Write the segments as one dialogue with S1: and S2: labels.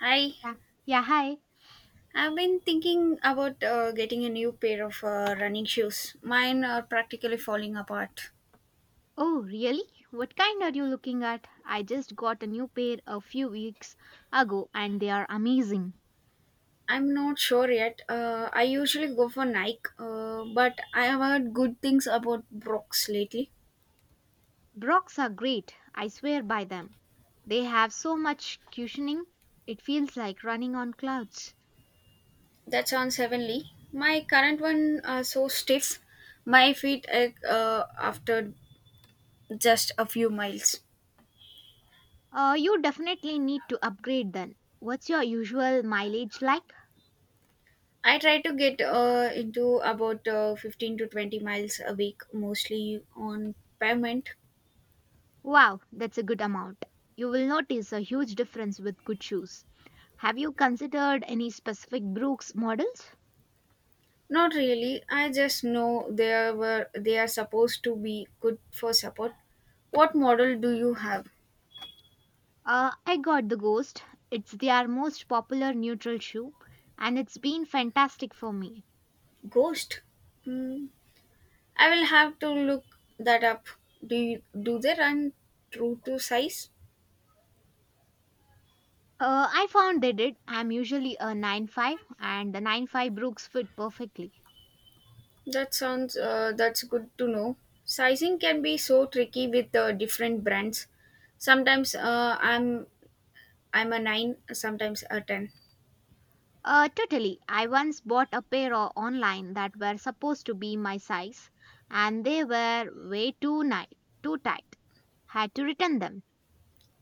S1: Hi,
S2: Yeah. Yeah, hi.
S1: I've been thinking about getting a new pair of running shoes. Mine are practically falling apart.
S2: Oh, really? What kind are you looking at? I just got a new pair a few weeks ago and they are amazing.
S1: I'm not sure yet. I usually go for Nike, but I have heard good things about Brooks lately.
S2: Brocks are great. I swear by them. They have so much cushioning. It feels like running on clouds.
S1: That sounds heavenly. My current one are so stiff. My feet ache after just a few miles.
S2: You definitely need to upgrade then. What's your usual mileage like?
S1: I try to get into about 15 to 20 miles a week, mostly on pavement.
S2: Wow, that's a good amount. You will notice a huge difference with good shoes. Have you considered any specific Brooks models?
S1: Not really. I just know they are supposed to be good for support. What model do you have?
S2: I got the Ghost. It's their most popular neutral shoe, and it's been fantastic for me.
S1: Ghost. Hmm. I will have to look that up. Do they run true to size?
S2: I found they did. I'm usually a 9.5, and the 9.5 Brooks fit perfectly.
S1: That sounds that's good to know. Sizing can be so tricky with different brands. Sometimes I'm a nine, sometimes a ten.
S2: Totally. I once bought a pair online that were supposed to be my size, and they were way too nice, too tight. Had to return them.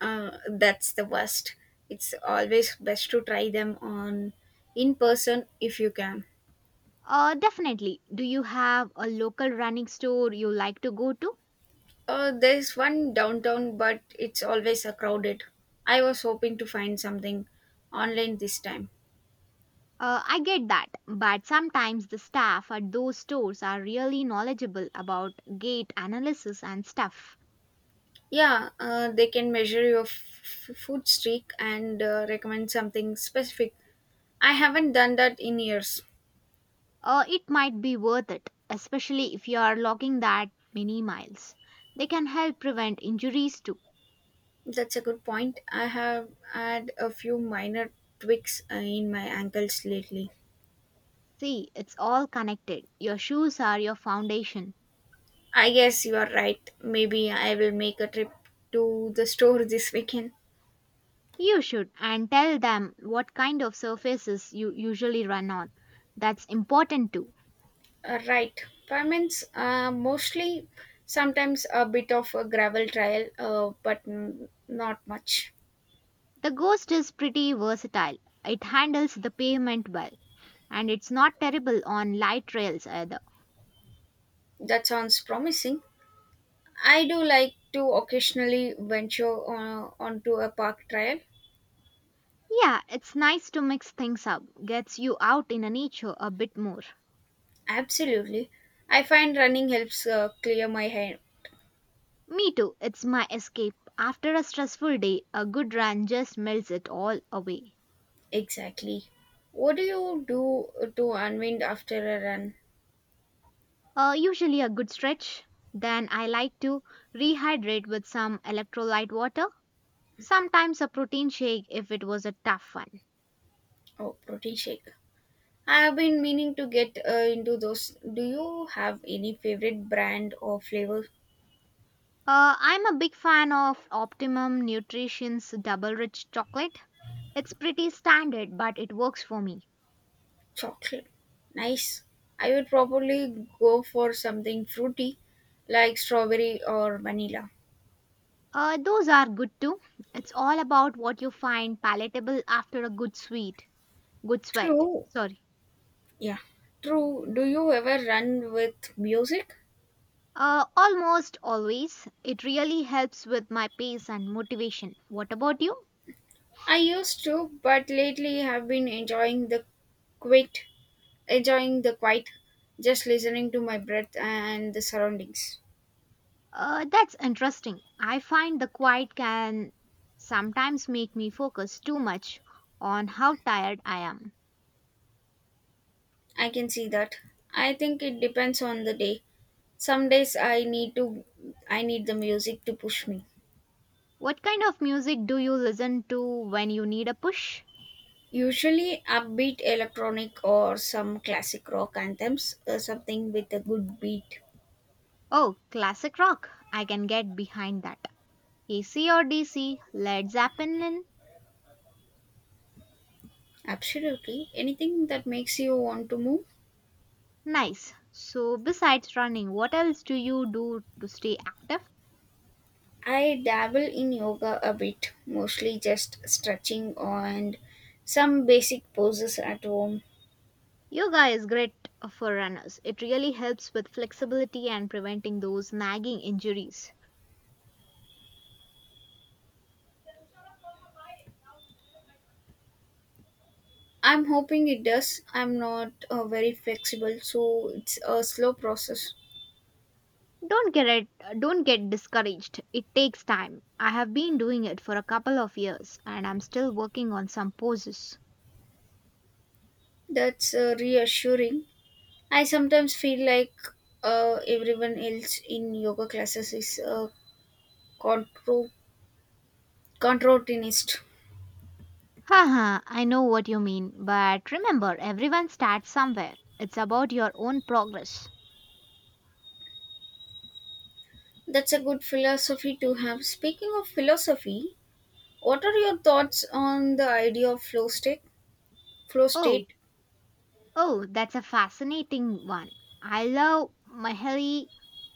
S1: That's the worst. It's always best to try them on in person if you can.
S2: Definitely. Do you have a local running store you like to go to?
S1: There's one downtown, but it's always crowded. I was hoping to find something online this time.
S2: I get that, but sometimes the staff at those stores are really knowledgeable about gate analysis and stuff.
S1: Yeah, they can measure your food streak and recommend something specific. I haven't done that in years.
S2: It might be worth it, especially if you are logging that many miles. They can help prevent injuries too.
S1: That's a good point. I have had a few minor tweaks in my ankles lately.
S2: See, it's all connected. Your shoes are your foundation.
S1: I guess you are right. Maybe I will make a trip to the store this weekend.
S2: You should and tell them what kind of surfaces you usually run on. That's important too.
S1: Right. Pavements, mostly sometimes a bit of a gravel trail, but not much.
S2: The Ghost is pretty versatile. It handles the pavement well and it's not terrible on light rails either.
S1: That sounds promising. I do like to occasionally venture onto a park trail.
S2: Yeah, it's nice to mix things up. Gets you out in a nature a bit more.
S1: Absolutely. I find running helps clear my head.
S2: Me too. It's my escape. After a stressful day, a good run just melts it all away.
S1: Exactly. What do you do to unwind after a run?
S2: Usually a good stretch. Then I like to rehydrate with some electrolyte water. Sometimes a protein shake if it was a tough one.
S1: Oh, protein shake. I have been meaning to get into those. Do you have any favorite brand or flavor
S2: I'm a big fan of Optimum Nutrition's double rich chocolate. It's pretty standard, but it works for me.
S1: chocolate? Nice. I would probably go for something fruity like strawberry or vanilla.
S2: Those are good too. It's all about what you find palatable after a good sweat.
S1: True.
S2: Sorry.
S1: Yeah. True. Do you ever run with music?
S2: Almost always. It really helps with my pace and motivation. What about you?
S1: I used to, but lately have been enjoying the quiet, quiet, just listening to my breath and the surroundings.
S2: That's interesting. I find the quiet can sometimes make me focus too much on how tired I am.
S1: I can see that. I think it depends on the day. Some days I need the music to push me.
S2: What kind of music do you listen to when you need a push?
S1: Usually upbeat electronic or some classic rock anthems, something with a good beat.
S2: Oh, classic rock. I can get behind that. AC or DC, Led Zeppelin,
S1: Absolutely. Anything that makes you want to move.
S2: nice. So, besides running, what else do you do to stay active?
S1: I dabble in yoga a bit, mostly just stretching and some basic poses at home.
S2: Yoga is great for runners. It really helps with flexibility and preventing those nagging injuries.
S1: I'm hoping it does. I'm not very flexible, so it's a slow process.
S2: Don't get it, don't get discouraged. It takes time. I have been doing it for a couple of years and I'm still working on some poses.
S1: That's reassuring. I sometimes feel like everyone else in yoga classes is a contro- contortionist.
S2: Haha, I know what you mean, but remember everyone starts somewhere. It's about your own progress.
S1: That's a good philosophy to have. Speaking of philosophy, what are your thoughts on the idea of flow state? Flow state,
S2: Oh, Oh, that's a fascinating one. I love Mihaly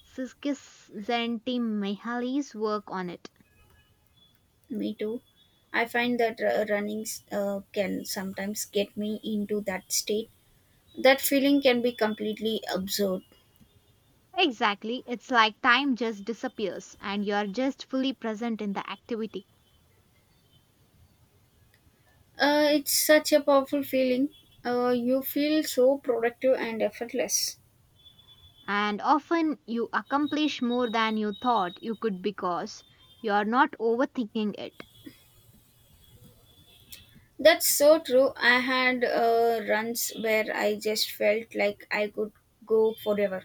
S2: Csikszentmihalyi's work on it.
S1: me too. I find that running can sometimes get me into that state. That feeling can be completely absurd.
S2: Exactly, it's like time just disappears and you're just fully present in the activity.
S1: It's such a powerful feeling. You feel so productive and effortless.
S2: And often you accomplish more than you thought you could because you're not overthinking it.
S1: That's so true. I had runs where I just felt like I could go forever.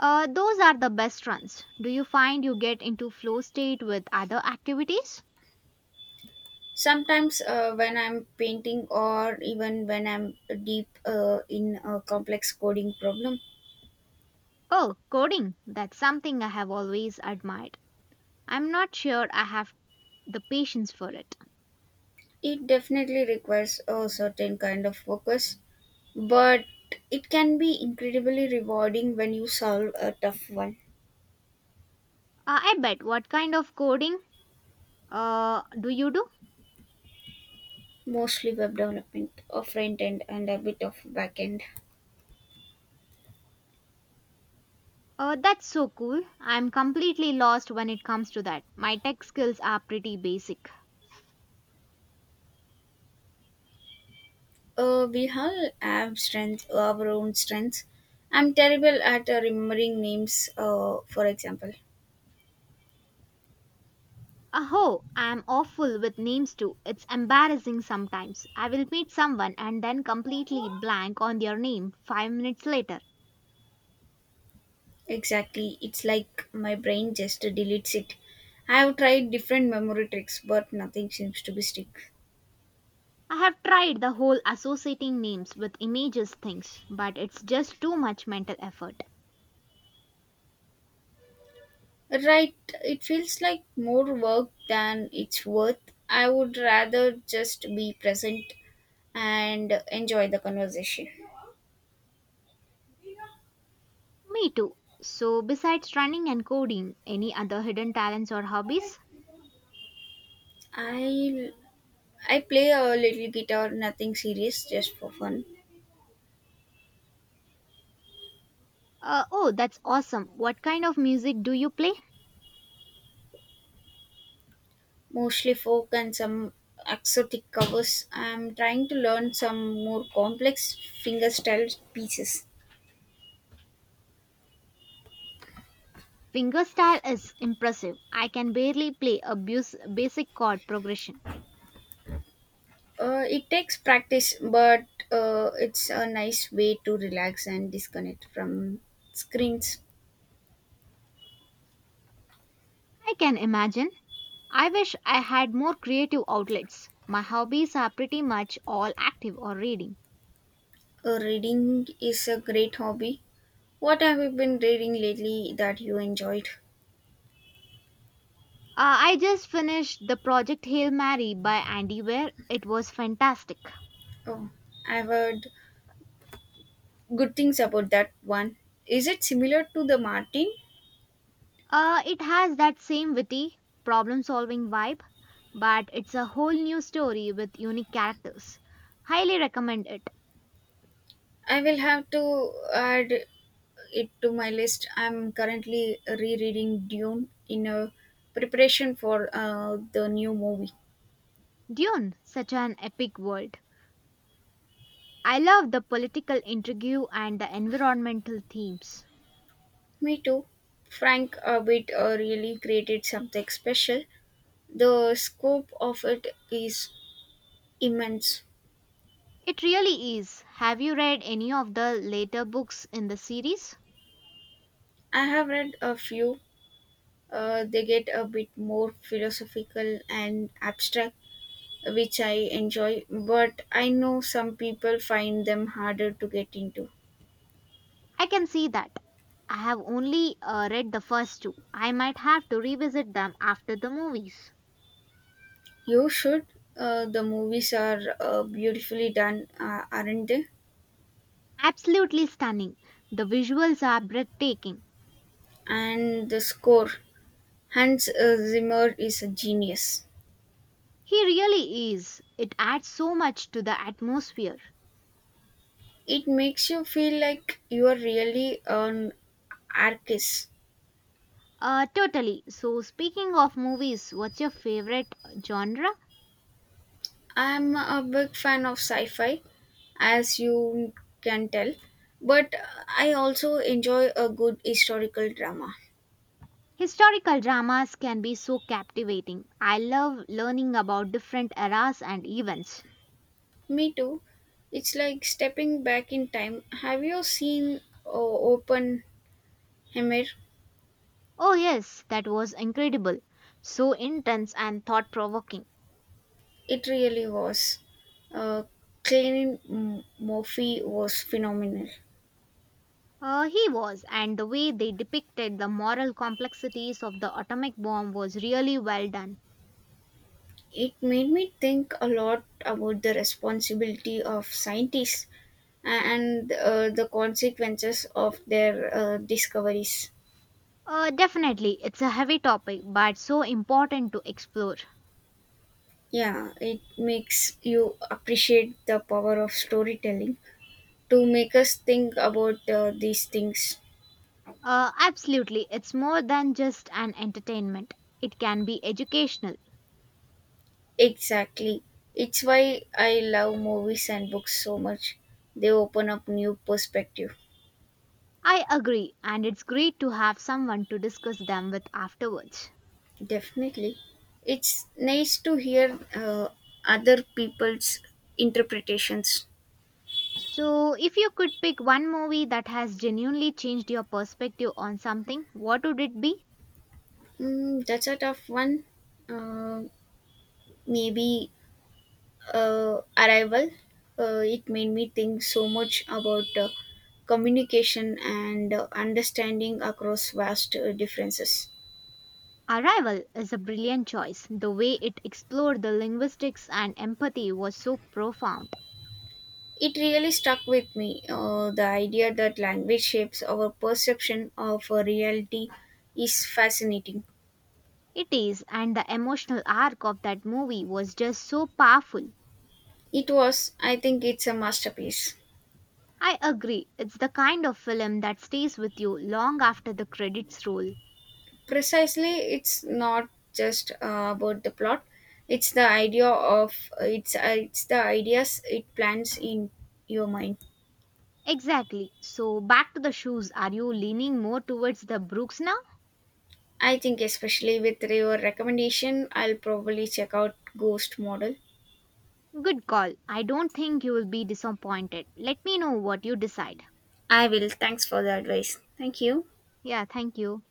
S2: Those are the best runs. Do you find you get into flow state with other activities?
S1: Sometimes, when I'm painting or even when I'm deep in a complex coding problem,
S2: Oh, coding. That's something I have always admired. I'm not sure I have the patience for it.
S1: it definitely requires a certain kind of focus, but it can be incredibly rewarding when you solve a tough one,
S2: I bet. What kind of coding do you do?
S1: mostly web development, a front end, and a bit of back end.
S2: That's so cool. I'm completely lost when it comes to that. My tech skills are pretty basic.
S1: We all have our own strengths. I'm terrible at remembering names, for example.
S2: Oh, I'm awful with names too. It's embarrassing sometimes. I will meet someone and then completely blank on their name 5 minutes later.
S1: Exactly. It's like my brain just deletes it. I have tried different memory tricks, but nothing seems to be stick.
S2: I have tried the whole associating names with images things, but it's just too much mental effort.
S1: Right. It feels like more work than it's worth. I would rather just be present and enjoy the conversation.
S2: Me too. So, besides running and coding, any other hidden talents or hobbies?
S1: I I play a little guitar, nothing serious, just for fun.
S2: Oh, that's awesome. What kind of music do you play?
S1: Mostly folk and some exotic covers. I'm trying to learn some more complex fingerstyle pieces.
S2: Fingerstyle is impressive. I can barely play a basic chord progression.
S1: It takes practice, but it's a nice way to relax and disconnect from screens.
S2: I can imagine. I wish I had more creative outlets. My hobbies are pretty much all active or reading.
S1: Reading is a great hobby. What have you been reading lately that you enjoyed?
S2: I just finished the project Hail Mary by Andy Weir. It was fantastic.
S1: Oh, I've heard good things about that one. Is it similar to the Martin?
S2: It has that same witty, problem solving vibe, but it's a whole new story with unique characters. Highly recommend it.
S1: I will have to add it to my list. I'm currently rereading Dune in a preparation for the new movie.
S2: Dune, such an epic world. I love the political intrigue and the environmental themes.
S1: Me too. Frank Abbott really created something special. The scope of it is immense.
S2: It really is. Have you read any of the later books in the series?
S1: I have read a few. They get a bit more philosophical and abstract, which I enjoy, but I know some people find them harder to get into.
S2: I can see that. I have only read the first two. I might have to revisit them after the movies.
S1: You should. The movies are beautifully done, aren't they?
S2: Absolutely stunning. The visuals are breathtaking.
S1: And the score. Hans Zimmer is a genius.
S2: He really is. It adds so much to the atmosphere.
S1: It makes you feel like you are really an artist.
S2: Totally. So, speaking of movies, what's your favorite genre?
S1: I'm a big fan of sci fi, as you can tell, but I also enjoy a good historical drama.
S2: Historical dramas can be so captivating. I love learning about different eras and events.
S1: Me too. It's like stepping back in time. Have you seen Open Hammer?
S2: Oh, yes, that was incredible. So intense and thought provoking.
S1: It really was. Uh, Cillian Murphy was phenomenal.
S2: He was, and the way they depicted the moral complexities of the atomic bomb was really well done.
S1: It made me think a lot about the responsibility of scientists and the consequences of their discoveries.
S2: Definitely, it's a heavy topic, but so important to explore.
S1: Yeah, it makes you appreciate the power of storytelling to make us think about these things.
S2: Absolutely, it's more than just an entertainment, it can be educational.
S1: Exactly. It's why I love movies and books so much. They open up new perspective.
S2: I agree, and it's great to have someone to discuss them with afterwards.
S1: Definitely. It's nice to hear other people's interpretations.
S2: So, if you could pick one movie that has genuinely changed your perspective on something, what would it be?
S1: Mm, that's a tough one. Uh, maybe Arrival. It made me think so much about communication and understanding across vast differences.
S2: Arrival is a brilliant choice. The way it explored the linguistics and empathy was so profound.
S1: It really stuck with me the idea that language shapes our perception of reality is fascinating.
S2: It is, and the emotional arc of that movie was just so powerful.
S1: It was, I think, it's a masterpiece.
S2: I agree, it's the kind of film that stays with you long after the credits roll.
S1: Precisely, it's not just about the plot it's the idea of it's the ideas it plants in your mind.
S2: Exactly. So, back to the shoes, are you leaning more towards the Brooks now?
S1: I think, especially with your recommendation, I'll probably check out Ghost model.
S2: Good call. I don't think you will be disappointed. Let me know what you decide.
S1: I will. Thanks for the advice. Thank you.
S2: Yeah, thank you.